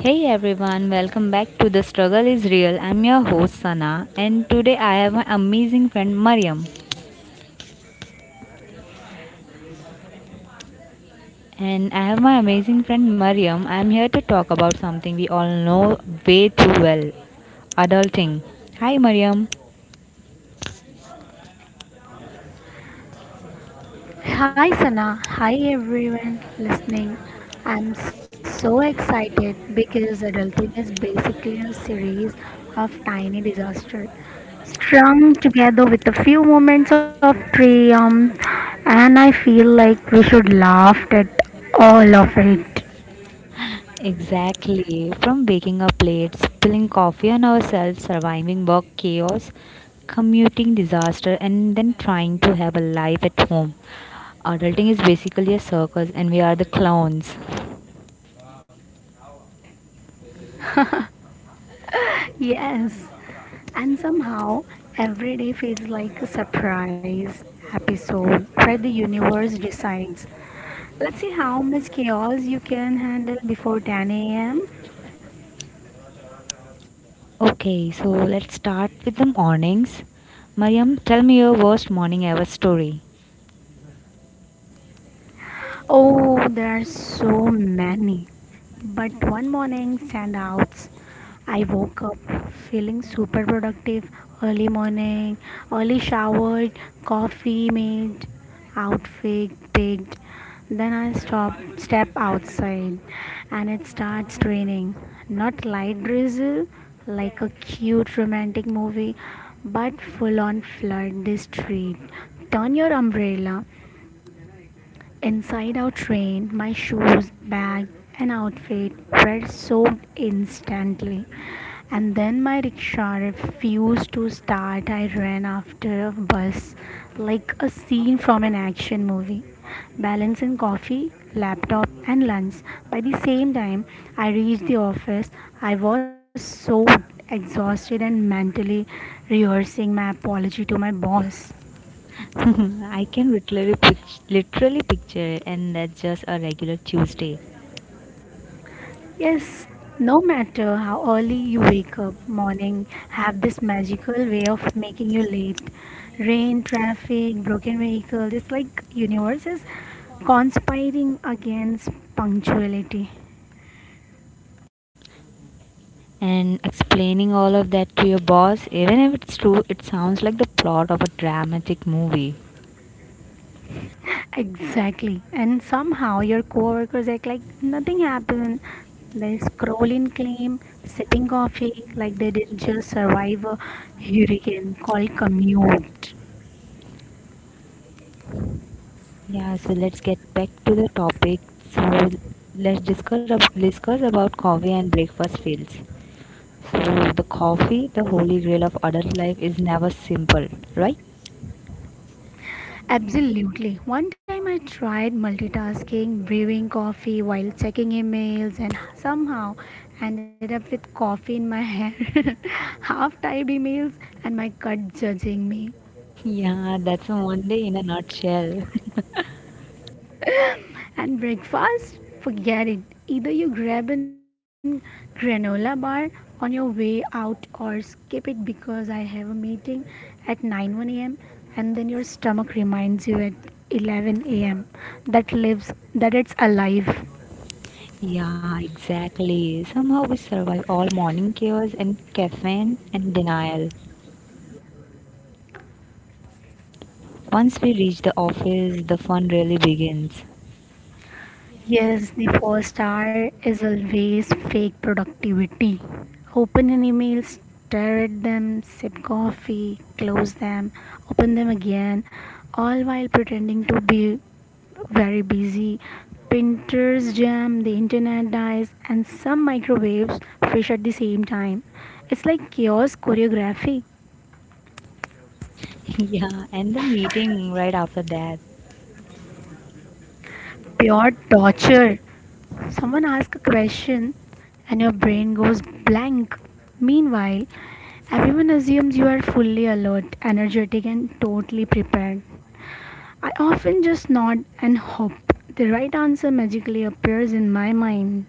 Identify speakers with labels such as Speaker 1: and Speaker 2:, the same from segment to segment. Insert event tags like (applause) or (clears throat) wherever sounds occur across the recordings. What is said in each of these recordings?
Speaker 1: Hey everyone, welcome back to The Struggle is Real. I'm your host Sana, and today I have my amazing friend Mariam. And I have my amazing friend Mariam. I'm here to talk about something we all know way too well, adulting. Hi Mariam.
Speaker 2: Hi Sana, hi everyone listening. I'm so excited because adulting is basically a series of tiny disasters strung together with a few moments of triumph, and I feel like we should laugh at all of it.
Speaker 1: Exactly. From waking up late, spilling coffee on ourselves, surviving work chaos, commuting disaster, and then trying to have a life at home. Adulting is basically a circus, and we are the clowns.
Speaker 2: Yes, and somehow every day feels like a surprise episode where the universe decides. Let's see how much chaos you can handle before 10 a.m.
Speaker 1: Okay, so let's start with the mornings. Mariam, tell me your worst morning ever story.
Speaker 2: Oh, there are so many. But one morning standouts, I woke up feeling super productive early morning, early showered, coffee made, outfit picked. Then I stop step outside and it starts raining. Not light drizzle like a cute romantic movie, but full on flood the street. Turn your umbrella inside out rain, my shoes, bag, and outfit were soaked instantly. And then my rickshaw refused to start. I ran after a bus like a scene from an action movie. Balancing coffee, laptop, and lunch. By the same time I reached the office, I was so exhausted and mentally rehearsing my apology to my boss.
Speaker 1: (laughs) I can literally picture it, and that's just a regular Tuesday.
Speaker 2: Yes, no matter how early you wake up, morning have this magical way of making you late. Rain, traffic, broken vehicle, it's like universe is conspiring against punctuality.
Speaker 1: And explaining all of that to your boss, even if it's true, it sounds like the plot of a dramatic movie.
Speaker 2: Exactly. And somehow your coworkers act like nothing happened. They scroll in claim, sipping coffee like they didn't just survive a hurricane called commute.
Speaker 1: Yeah, so let's get back to the topic. So let's discuss about coffee and breakfast fails. So the coffee, the holy grail of adult life, is never simple, right?
Speaker 2: Absolutely. One time I tried multitasking, brewing coffee while checking emails, and somehow ended up with coffee in my hair, (laughs) half typed emails, and my gut judging me.
Speaker 1: Yeah, that's a one day in a nutshell. (laughs)
Speaker 2: And breakfast? Forget it. Either you grab a granola bar on your way out or skip it because I have a meeting at 9 one a.m. And then your stomach reminds you at 11 a.m. that lives that it's alive.
Speaker 1: Yeah, exactly. Somehow we survive all morning chaos and caffeine and denial. Once we reach the office, the fun really begins.
Speaker 2: Yes, the first hour is always fake productivity. Open an email, stare at them, sip coffee, close them, open them again, all while pretending to be very busy. Printers jam, the internet dies, and some microwaves fish at the same time. It's like chaos choreography,
Speaker 1: (laughs) Yeah, and the meeting right after that.
Speaker 2: pure torture. Someone asks a question and your brain goes blank. Meanwhile, everyone assumes you are fully alert, energetic, and totally prepared. I often just nod and hope the right answer magically appears in my mind.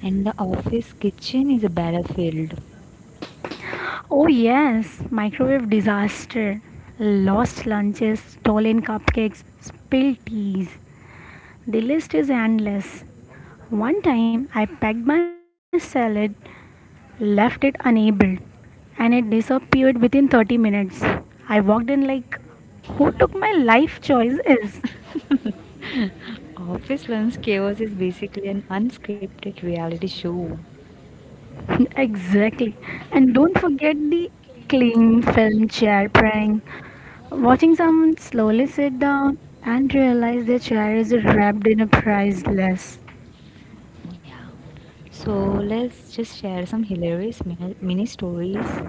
Speaker 1: And the office kitchen is a battlefield.
Speaker 2: Oh, yes, microwave disaster, lost lunches, stolen cupcakes, spilled teas. The list is endless. One time I packed my salad left it enabled and it disappeared within 30 minutes. I walked in like, who took my life choices?
Speaker 1: (laughs) Office Lunch Chaos is basically an unscripted reality show.
Speaker 2: (laughs) Exactly. And don't forget the cling film chair prank. Watching someone slowly sit down and realize their chair is wrapped in a priceless.
Speaker 1: Yeah. So let's just share some hilarious mini stories.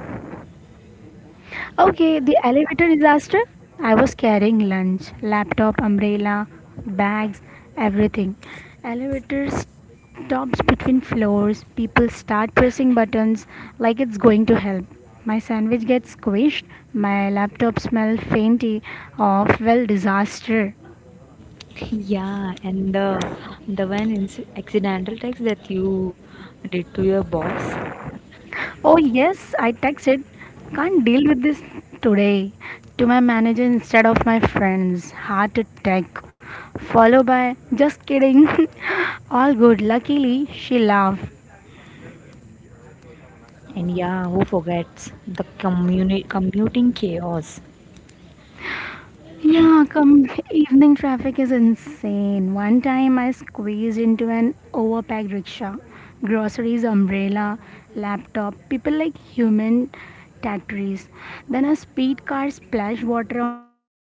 Speaker 2: Okay, the elevator disaster. I was carrying lunch, laptop, umbrella, bags, everything. Elevator stops between floors. People start pressing buttons like it's going to help. My sandwich gets squished. My laptop smells fainty of, well, disaster.
Speaker 1: Yeah, and the accidental text that you did to your boss,
Speaker 2: Oh, yes, I texted. Can't deal with this today. To my manager instead of my friends. Heart attack. Followed by, just kidding. (laughs) All good. Luckily, she laughed.
Speaker 1: and yeah, who forgets the commuting chaos?
Speaker 2: Yeah, come evening traffic is insane. One time I squeezed into an overpacked rickshaw. Groceries, umbrella, laptop, people like human tatteries. Then a speed car splashed water on me.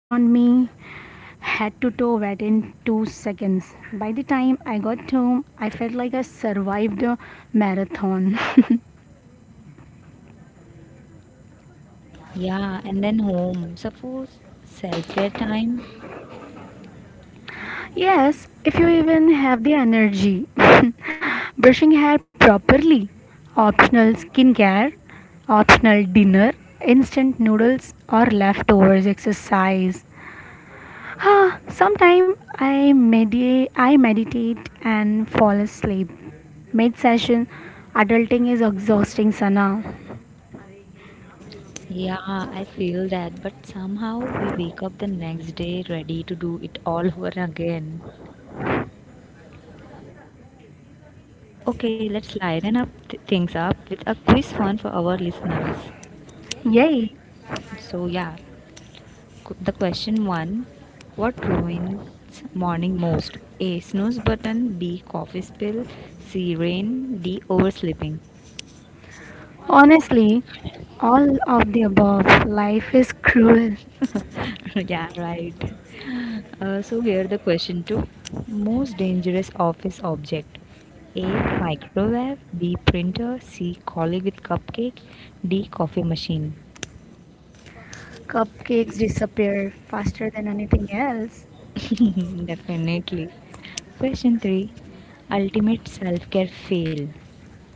Speaker 2: Head to toe wet in 2 seconds. By the time I got home, I felt like I survived a marathon.
Speaker 1: Yeah, and then home. Suppose self care time.
Speaker 2: (laughs) Yes, if you even have the energy. (laughs) Brushing hair properly, optional skincare, optional dinner, instant noodles or leftovers exercise. Ah, sometime I meditate, and fall asleep. Mid session, adulting is exhausting, Sana.
Speaker 1: Yeah, I feel that, but somehow we wake up the next day ready to do it all over again. Okay, let's lighten things up with a quiz fun for our listeners.
Speaker 2: Yay!
Speaker 1: So yeah, the question one, what ruins morning most? A. Snooze button. B. Coffee spill. C. Rain. D. Oversleeping.
Speaker 2: Honestly, all of the above. Life is cruel.
Speaker 1: (laughs) Yeah, right. So here the question two, most dangerous office object? A. Microwave. B. Printer. C. Colleague with cupcake. D. Coffee machine.
Speaker 2: Cupcakes disappear faster than anything else.
Speaker 1: (laughs) Definitely. Question 3, ultimate self care fail.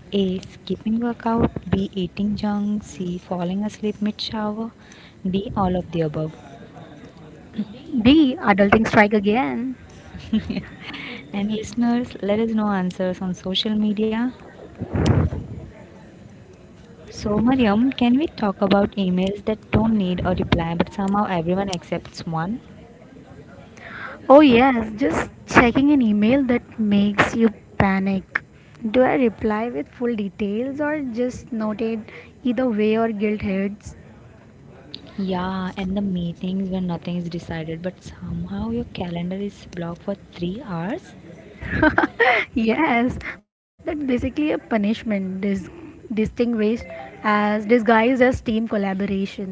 Speaker 1: A. Skipping workout. B. Eating junk. C. Falling asleep mid shower. D. All of the above.
Speaker 2: D. Adulting strike again.
Speaker 1: And listeners, let us know answers on social media. So, Mariam, can we talk about emails that don't need a reply but somehow everyone accepts one?
Speaker 2: Oh, yes, just checking an email that makes you panic. Do I reply with full details or just noted either way or guilt heads?
Speaker 1: Yeah, and the meetings when nothing is decided but somehow your calendar is blocked for 3 hours?
Speaker 2: (laughs) Yes, that's basically a punishment distinguished as disguised as team collaboration.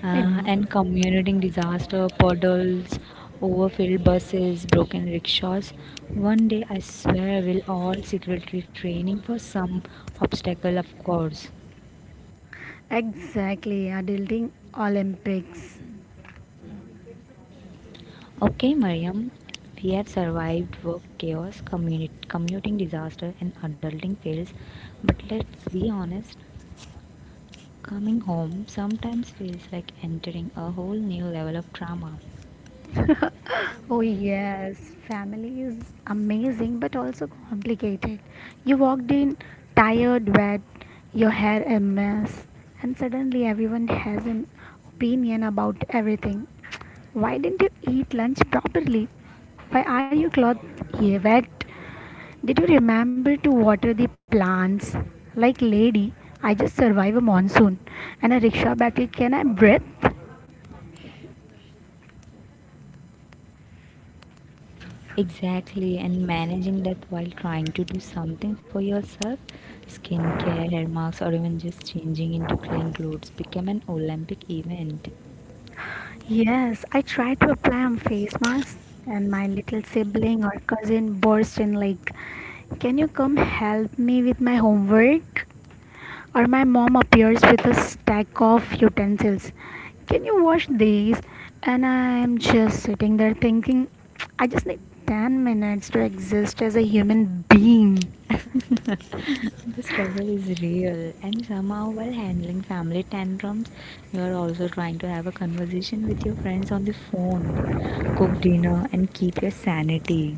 Speaker 2: Em-
Speaker 1: And commuting disaster, puddles, overfilled buses, broken rickshaws. One day, I swear, we'll all secretly training for some obstacle, of course.
Speaker 2: Exactly, adulting Olympics.
Speaker 1: Okay, Mariam, we have survived work chaos, commuting disaster, and adulting fails. But let's be honest, coming home sometimes feels like entering a whole new level of trauma.
Speaker 2: Oh, yes, family is amazing but also complicated. You walked in tired, wet, your hair a mess, and suddenly everyone has an opinion about everything. Why didn't you eat lunch properly? Why are your clothes here wet? Did you remember to water the plants? Like, lady, I just survived a monsoon and a rickshaw battle. Can I breathe?
Speaker 1: Exactly, and managing that while trying to do something for yourself, skincare, hair masks, or even just changing into clean clothes become an Olympic event.
Speaker 2: Yes, I tried to apply on face mask, and my little sibling or cousin burst in like, "Can you come help me with my homework?" Or my mom appears with a stack of utensils. "Can you wash these?" And I'm just sitting there thinking, I just need 10 minutes to exist as a human being.
Speaker 1: (laughs) The struggle is real, and somehow, while handling family tantrums, you are also trying to have a conversation with your friends on the phone, cook dinner, and keep your sanity.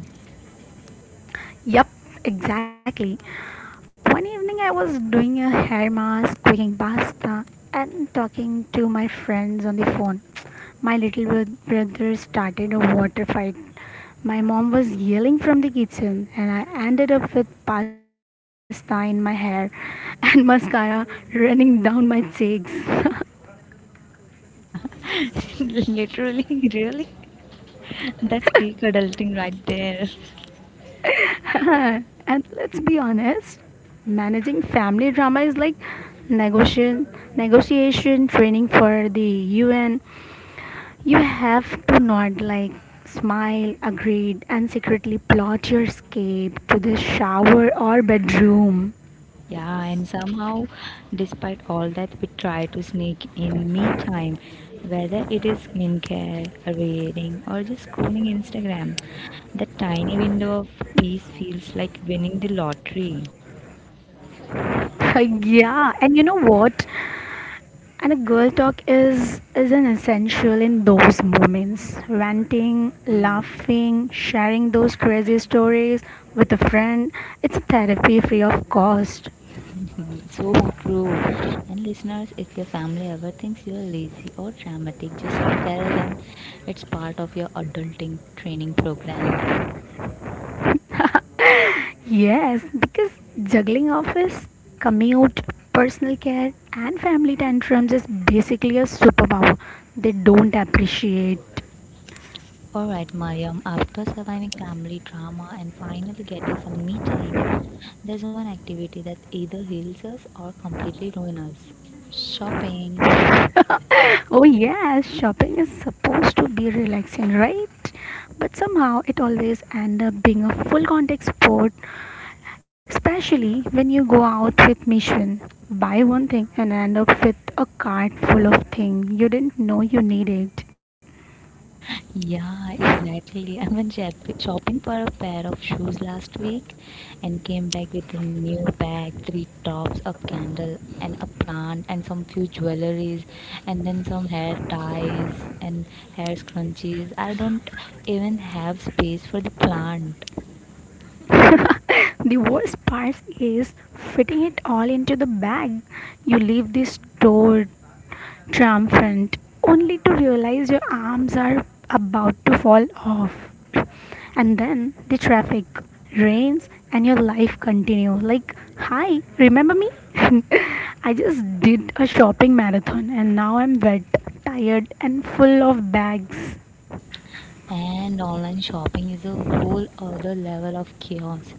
Speaker 2: Yup, exactly. One evening I was doing a hair mask, cooking pasta, and talking to my friends on the phone. My little brother started a water fight. My mom was yelling from the kitchen, and I ended up with pasta in my hair (laughs) and mascara running down my cheeks.
Speaker 1: (laughs) Literally, really, that's peak adulting right there.
Speaker 2: (laughs) And let's be honest, managing family drama is like negotiation negotiation training for the UN. You have to nod like smile, agreed, and secretly plot your escape to the shower or bedroom.
Speaker 1: Yeah, and somehow, despite all that, we try to sneak in me time, whether it is skincare, reading, or just scrolling Instagram. That tiny window of peace feels like winning the lottery.
Speaker 2: (laughs) Yeah, and you know what? And a girl talk is an essential in those moments. Ranting, laughing, sharing those crazy stories with a friend, it's a therapy free of cost.
Speaker 1: (laughs) So true. And listeners, if your family ever thinks you're lazy or dramatic, just tell them it's part of your adulting training program.
Speaker 2: Yes, because juggling office, commute, personal care, and family tantrums is basically a superpower. They don't appreciate.
Speaker 1: Alright, Mariam, after surviving family drama and finally getting some me time, there's one activity that either heals us or completely ruins us, shopping.
Speaker 2: (laughs) Oh, yes, shopping is supposed to be relaxing, right? But somehow it always ends up being a full contact sport, especially when you go out with mission. Buy one thing and end up with a cart full of things you didn't know you needed.
Speaker 1: Yeah, exactly. (laughs) I shopping for a pair of shoes last week and came back with a new bag, three tops, a candle, and a plant, and some few jewelries, and then some hair ties and hair scrunchies. I don't even have space for the plant.
Speaker 2: (laughs) The worst part is fitting it all into the bag. You leave the store triumphant only to realize your arms are about to fall off. (clears throat) And then the traffic rains and your life continues. Like, hi, remember me? (laughs) I just did a shopping marathon and now I'm wet, tired, and full of bags.
Speaker 1: And online shopping is a whole other level of chaos.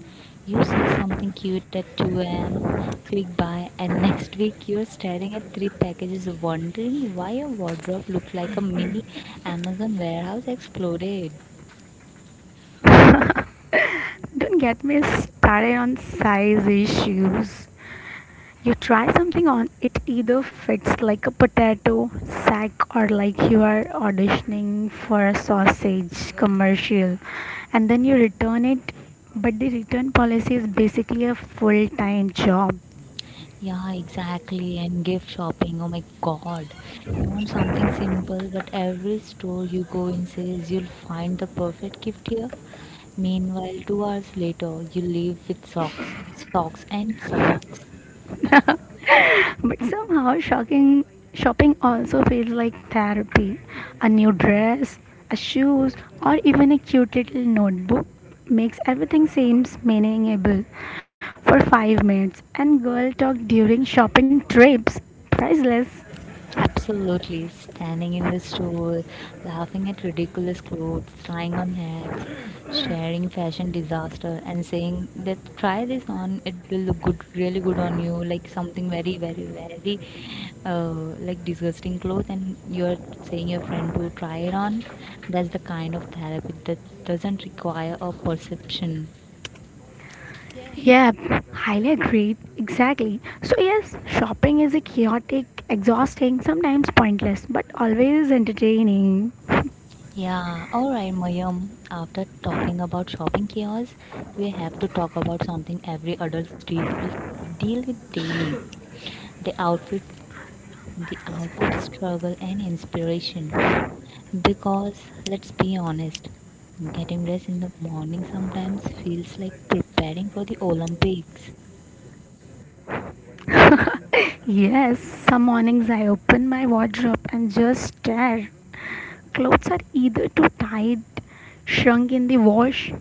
Speaker 1: You see something cute at 2 a.m., click buy, and next week you're staring at three packages wondering why your wardrobe looked like a mini Amazon warehouse exploded.
Speaker 2: Don't get me started on size issues. You try something on, it either fits like a potato sack or like you are auditioning for a sausage commercial, and then you return it. But the return policy is basically a full time job.
Speaker 1: Yeah, exactly. And gift shopping, oh my god. You want something simple, but every store you go in says you'll find the perfect gift here. Meanwhile, 2 hours later, you leave with socks and socks.
Speaker 2: (laughs) But somehow shocking shopping also feels like therapy. A new dress, a shoes, or even a cute little notebook makes everything seems meaningable for 5 minutes. And girl talk during shopping trips priceless.
Speaker 1: Absolutely, standing in the store, laughing at ridiculous clothes, trying on hats, sharing fashion disaster, and saying that try this on, it will look good, really good on you, like something very, very, very uh, like disgusting clothes, and you're saying your friend to try it on. That's the kind of therapy that doesn't require a perception.
Speaker 2: Yep, highly agreed. Exactly. So, yes, shopping is a chaotic, exhausting, sometimes pointless, but always entertaining.
Speaker 1: Yeah, all right, Mayum. After talking about shopping chaos, we have to talk about something every adult deal with daily: the outfit, the outfit struggle, and inspiration. Because let's be honest, getting dressed in the morning sometimes feels like preparing for the Olympics.
Speaker 2: Yes, some mornings I open my wardrobe and just stare. Clothes are either too tight, shrunk in the wash,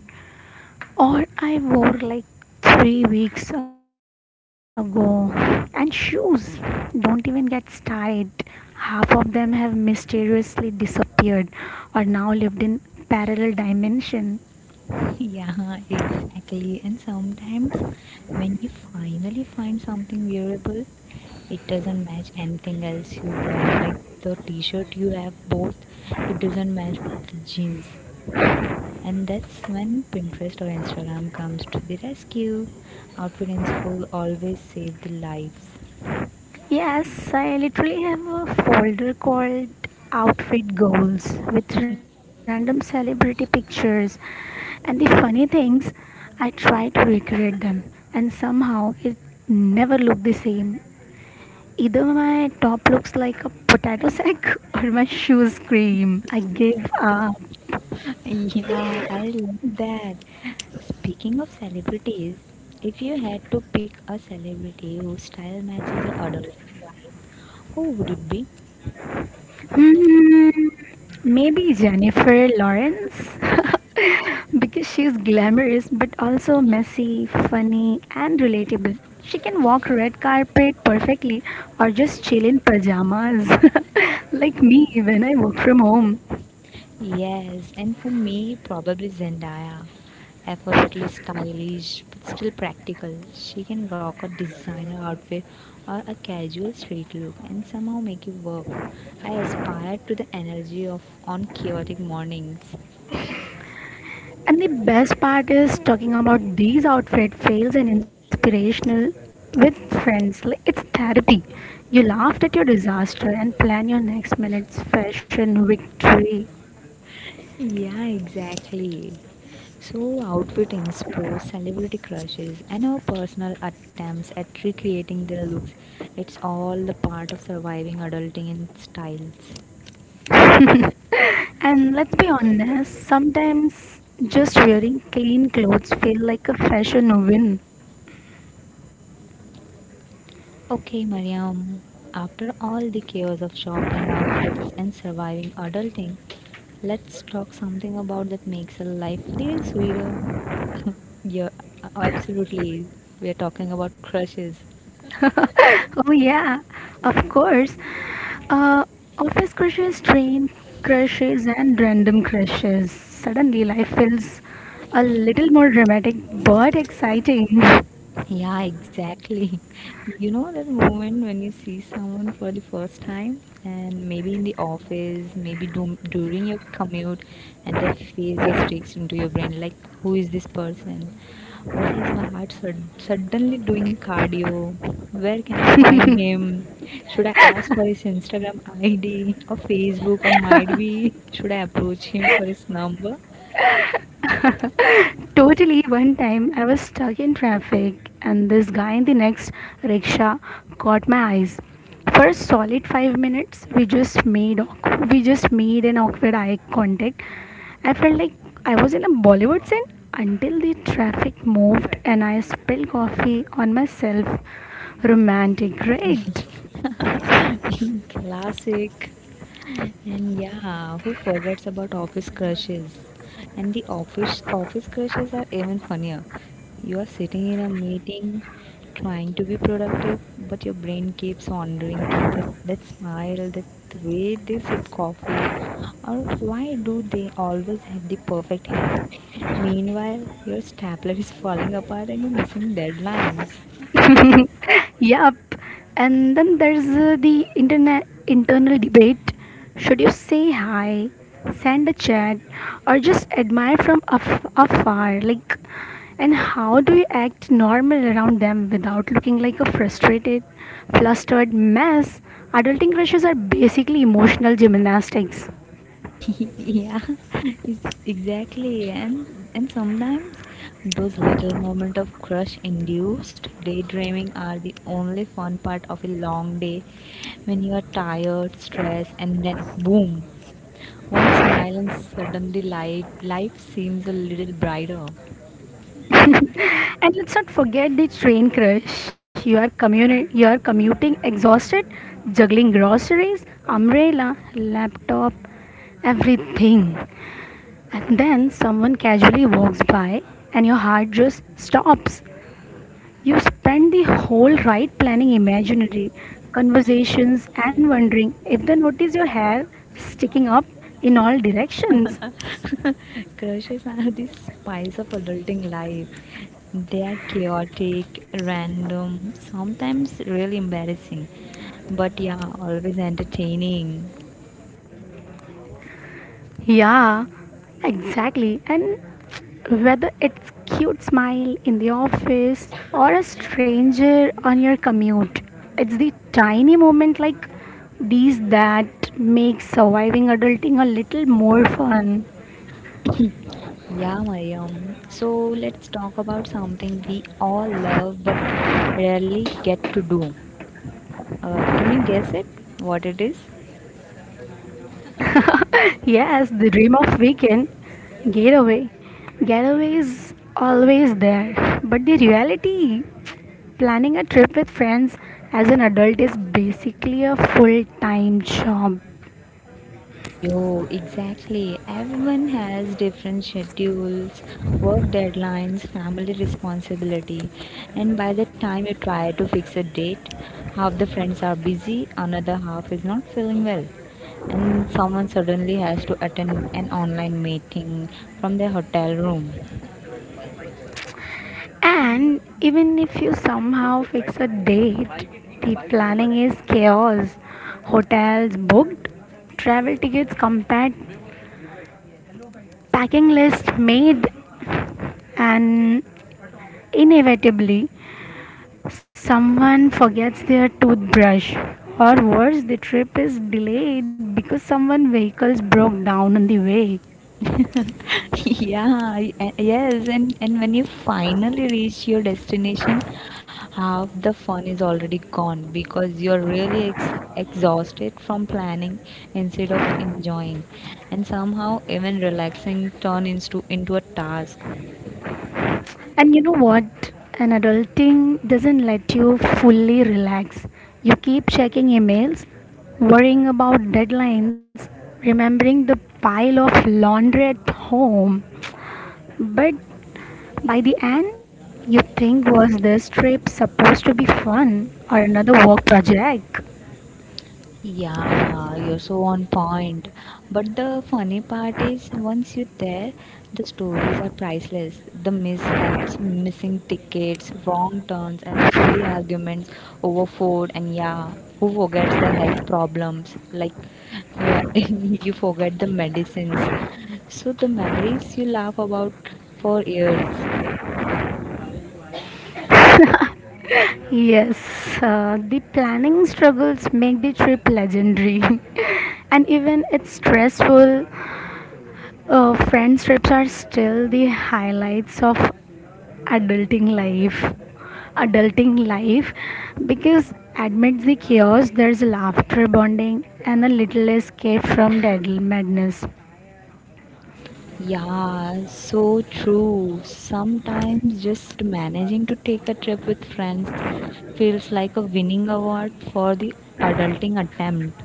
Speaker 2: or I wore like 3 weeks ago. And shoes don't even get started. Half of them have mysteriously disappeared or now lived in parallel dimension.
Speaker 1: Yeah, (laughs) exactly. And sometimes when you finally find something wearable, it doesn't match anything else you worn. Like the t-shirt you have bought, it doesn't match with the jeans. And that's when Pinterest or Instagram comes to the rescue. Outfit inspo always save the lives.
Speaker 2: Yes, I literally have a folder called Outfit Goals with random celebrity pictures. And the funny things, I try to recreate them, and somehow it never looked the same. Either my top looks like a potato sack (laughs) or my shoes scream. I gave up.
Speaker 1: Yeah, I love that. Speaking of celebrities, if you had to pick a celebrity whose style matches your adolescent life, who would it be?
Speaker 2: Hmm, maybe Jennifer Lawrence? (laughs) Because she's glamorous but also messy, funny, and relatable. She can walk red carpet perfectly or just chill in pajamas, (laughs) like me when I work from home.
Speaker 1: Yes, and for me, probably Zendaya. Effortlessly stylish but still practical. She can rock a designer outfit or a casual street look and somehow make it work. I aspire to the energy of on chaotic mornings.
Speaker 2: And the best part is talking about these outfit fails and inspirational with friends. Like it's therapy. You laughed at your disaster and plan your next minute's fashion victory.
Speaker 1: Yeah, exactly. So, outfit explores celebrity crushes and our personal attempts at recreating their looks. It's all the part of surviving adulting in styles.
Speaker 2: (laughs) And let's be honest, sometimes just wearing clean clothes feel like a fashion win.
Speaker 1: Okay, Mariam, after all the chaos of shopping, outfits, and surviving adulting, let's talk something about that makes a life little sweeter. (laughs) Yeah, absolutely. We are talking about crushes.
Speaker 2: (laughs) Oh yeah, of course. Uh, Office crushes, train crushes, and random crushes. Suddenly, life feels a little more dramatic but exciting. (laughs)
Speaker 1: Yeah, exactly. (laughs) You know that moment when you see someone for the first time, and maybe in the office, maybe during your commute, and the face just sticks into your brain like, who is this person? Why is my suddenly doing cardio? Where can I find him? Should I ask for his Instagram ID or Facebook, or might be should I approach him for his number?
Speaker 2: Totally, one time I was stuck in traffic and this guy in the next rickshaw caught my eyes. For a solid 5 minutes, we just made an awkward eye contact. I felt like I was in a Bollywood scene until the traffic moved and I spilled coffee on myself. Romantic, right?
Speaker 1: (laughs) Classic. And yeah, who forgets about office crushes? And the office crushes are even funnier. You are sitting in a meeting trying to be productive, but your brain keeps wandering to that smile, that way they sip coffee, or why do they always have the perfect hair? Meanwhile, your stapler is falling apart and you're missing deadlines.
Speaker 2: (laughs) Yup. And then there's the internet internal debate. Should you say hi, send a chat, or just admire from afar? Like, and how do you act normal around them without looking like a flustered mess? Adulting crushes are basically emotional gymnastics.
Speaker 1: (laughs) Yeah, it's exactly, and sometimes those little moment of crush induced daydreaming are the only fun part of a long day when you are tired stressed and then boom, one smile and suddenly life seems a little brighter.
Speaker 2: (laughs) And let's not forget the train crush. You are commuting exhausted, juggling groceries, umbrella, laptop, everything. And then someone casually walks by and your heart just stops. You spend the whole ride planning imaginary conversations and wondering if they notice your hair sticking up in all directions.
Speaker 1: (laughs) Crushes are the spice of adulting life. They are chaotic, random, sometimes really embarrassing, but yeah, always entertaining.
Speaker 2: Yeah, exactly. And whether it's cute smile in the office or a stranger on your commute, it's the tiny moment like these that make surviving adulting a little more fun.
Speaker 1: Yeah, Mariam. So let's talk about something we all love but rarely get to do. Can you guess it? What it is?
Speaker 2: Yes, the dream of weekend getaway. Getaway is always there, but the reality planning a trip with friends as an adult is basically a full-time job.
Speaker 1: Yo, exactly. Everyone has different schedules, work deadlines, family responsibility, and by the time you try to fix a date, half the friends are busy, another half is not feeling well, and someone suddenly has to attend an online meeting from their hotel room.
Speaker 2: And even if you somehow fix a date, the planning is chaos. Hotels booked, travel tickets compared, packing list made, and inevitably someone forgets their toothbrush. Or worse, the trip is delayed because someone's vehicles broke down on the way.
Speaker 1: (laughs) Yeah, yes, and when you finally reach your destination half the fun is already gone because you're really exhausted from planning instead of enjoying, and somehow even relaxing turn into a task.
Speaker 2: And you know what? An adulting doesn't let you fully relax. You keep checking emails, worrying about deadlines, remembering the pile of laundry at home. But by the end, you think, was this trip supposed to be fun or another work project?
Speaker 1: Yeah, you're so on point. But the funny part is, once you're there, the stories are priceless. The mishaps, missing tickets, wrong turns, and silly arguments over food, and yeah, who forgets the health problems? Like, you, (laughs) you forget the medicines. So, the memories you laugh about for years.
Speaker 2: Yes, the planning struggles make the trip legendary. (laughs) And even it's stressful, friend trips are still the highlights of adulting life. adulting life because amidst the chaos, there's laughter, bonding, and a little escape from deadly madness.
Speaker 1: Yeah, so true. Sometimes just managing to take a trip with friends feels like a winning award for the adulting attempt.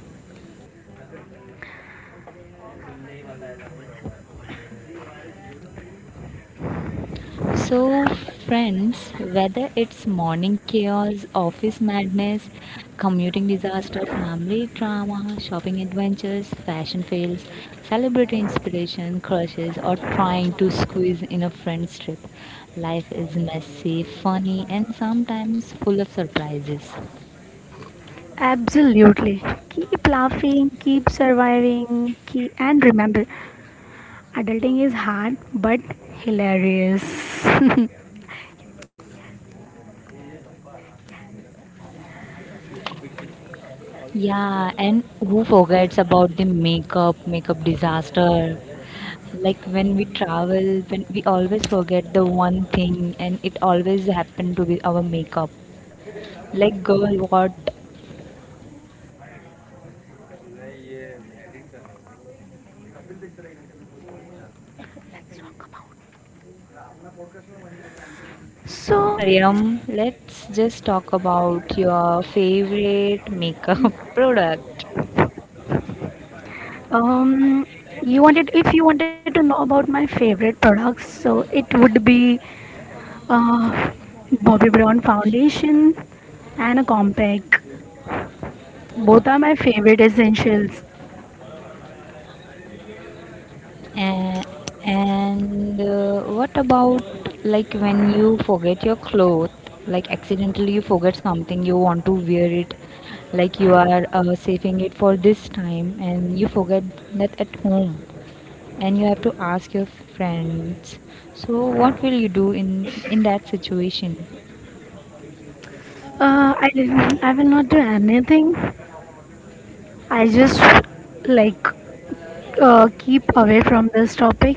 Speaker 1: So, friends, whether it's morning chaos, office madness, commuting disaster, family drama, shopping adventures, fashion fails, celebrity inspiration, crushes, or trying to squeeze in a friend's trip, life is messy, funny, and sometimes full of surprises.
Speaker 2: Absolutely. Keep laughing, keep surviving, keep, and remember, adulting is hard but hilarious. (laughs) Let's
Speaker 1: Yeah, and who forgets about the makeup disaster, like when we travel when we always forget the one thing and it always happened to be our makeup, like girl what.
Speaker 2: talk about.
Speaker 1: Yeah,
Speaker 2: So,
Speaker 1: Mariam, let's just talk about your favorite makeup (laughs) product.
Speaker 2: Um, you wanted if you wanted to know about my favorite products, so it would be uh, Bobbi Brown foundation and a compact. Both are my favorite essentials.
Speaker 1: And, and What about like when you forget your clothes, like accidentally you forget something you want to wear it, like you are saving it for this time and you forget that at home and you have to ask your friends, so what will you do in that situation?
Speaker 2: I will not do anything. I just like keep away from this topic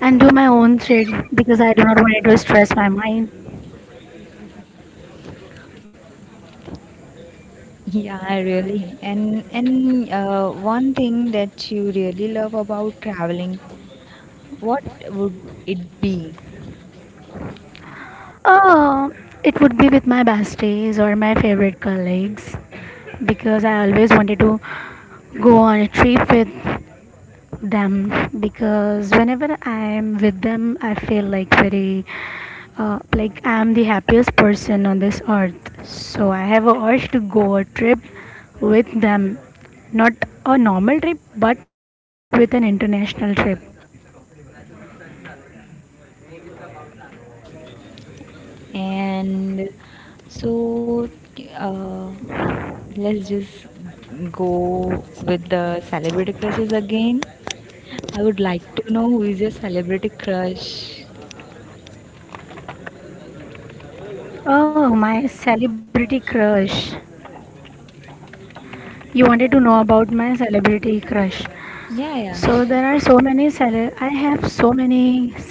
Speaker 2: and do my own shit because I do not want it to stress my mind.
Speaker 1: Yeah really, and one thing that you really love about traveling, what would it be?
Speaker 2: Oh, it would be with my besties or my favorite colleagues because I always wanted to go on a trip with them because whenever I'm with them, I feel like very like I'm the happiest person on this earth. So I have a urge to go a trip with them, not a normal trip, but with an international trip.
Speaker 1: And so uh, let's just go with the celebrity crushes again. I would like to know who is your celebrity crush.
Speaker 2: Oh, my celebrity crush. You wanted to know about my celebrity crush.
Speaker 1: Yeah, yeah.
Speaker 2: So there are so many I have so many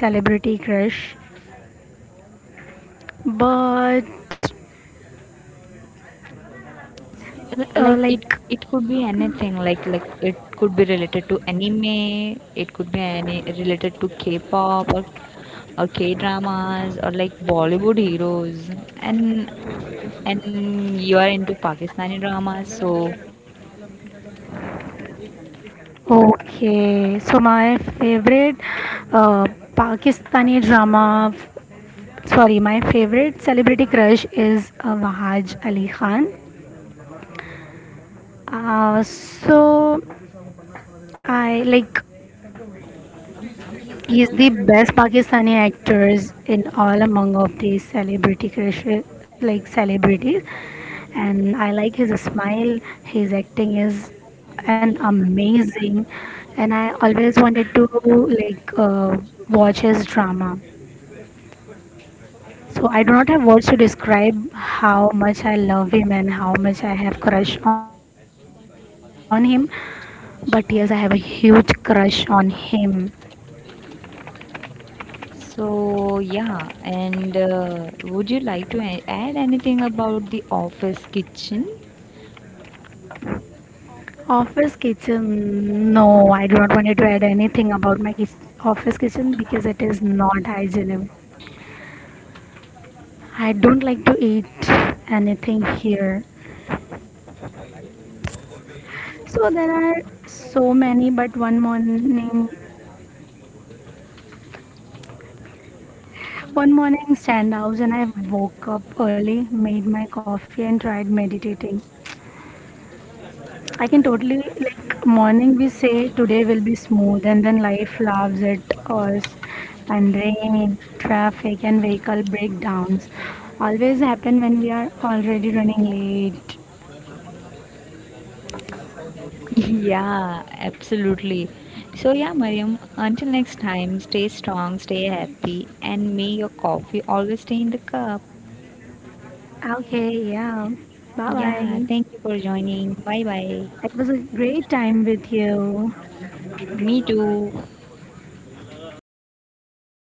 Speaker 2: celebrity crush, but
Speaker 1: L-
Speaker 2: uh,
Speaker 1: like it
Speaker 2: like
Speaker 1: it could be anything, like it could be related to anime, it could be any related to k-pop or k-dramas or like bollywood heroes, and and you are into pakistani dramas so.
Speaker 2: okay, so my favorite uh, Pakistani drama, sorry, my favorite celebrity crush is Wahaj Ali Khan. So I like he's the best Pakistani actors in all among of these celebrity crushes, like celebrities, and I like his smile. His acting is an amazing, and I always wanted to like watch his drama. So I do not have words to describe how much I love him and how much I have crush on him. But yes, I have a huge crush on him.
Speaker 1: So yeah, and would you like to add anything about the office kitchen?
Speaker 2: Office kitchen, no, I do not want to add anything about my office kitchen because it is not hygienic. I don't like to eat anything here. So there are so many, but one morning standouts, and I woke up early, made my coffee, and tried meditating. I can totally like morning. We say today will be smooth, and then life laughs at us, and rain, traffic, and vehicle breakdowns always happen when we are already running late.
Speaker 1: Yeah, absolutely. So, yeah, Mariam, until next time, stay strong, stay happy, and may your coffee always stay in the cup.
Speaker 2: Okay, yeah. Bye
Speaker 1: Yeah,
Speaker 2: bye.
Speaker 1: thank you for joining. Bye bye.
Speaker 2: It was a great time with you.
Speaker 1: Me too.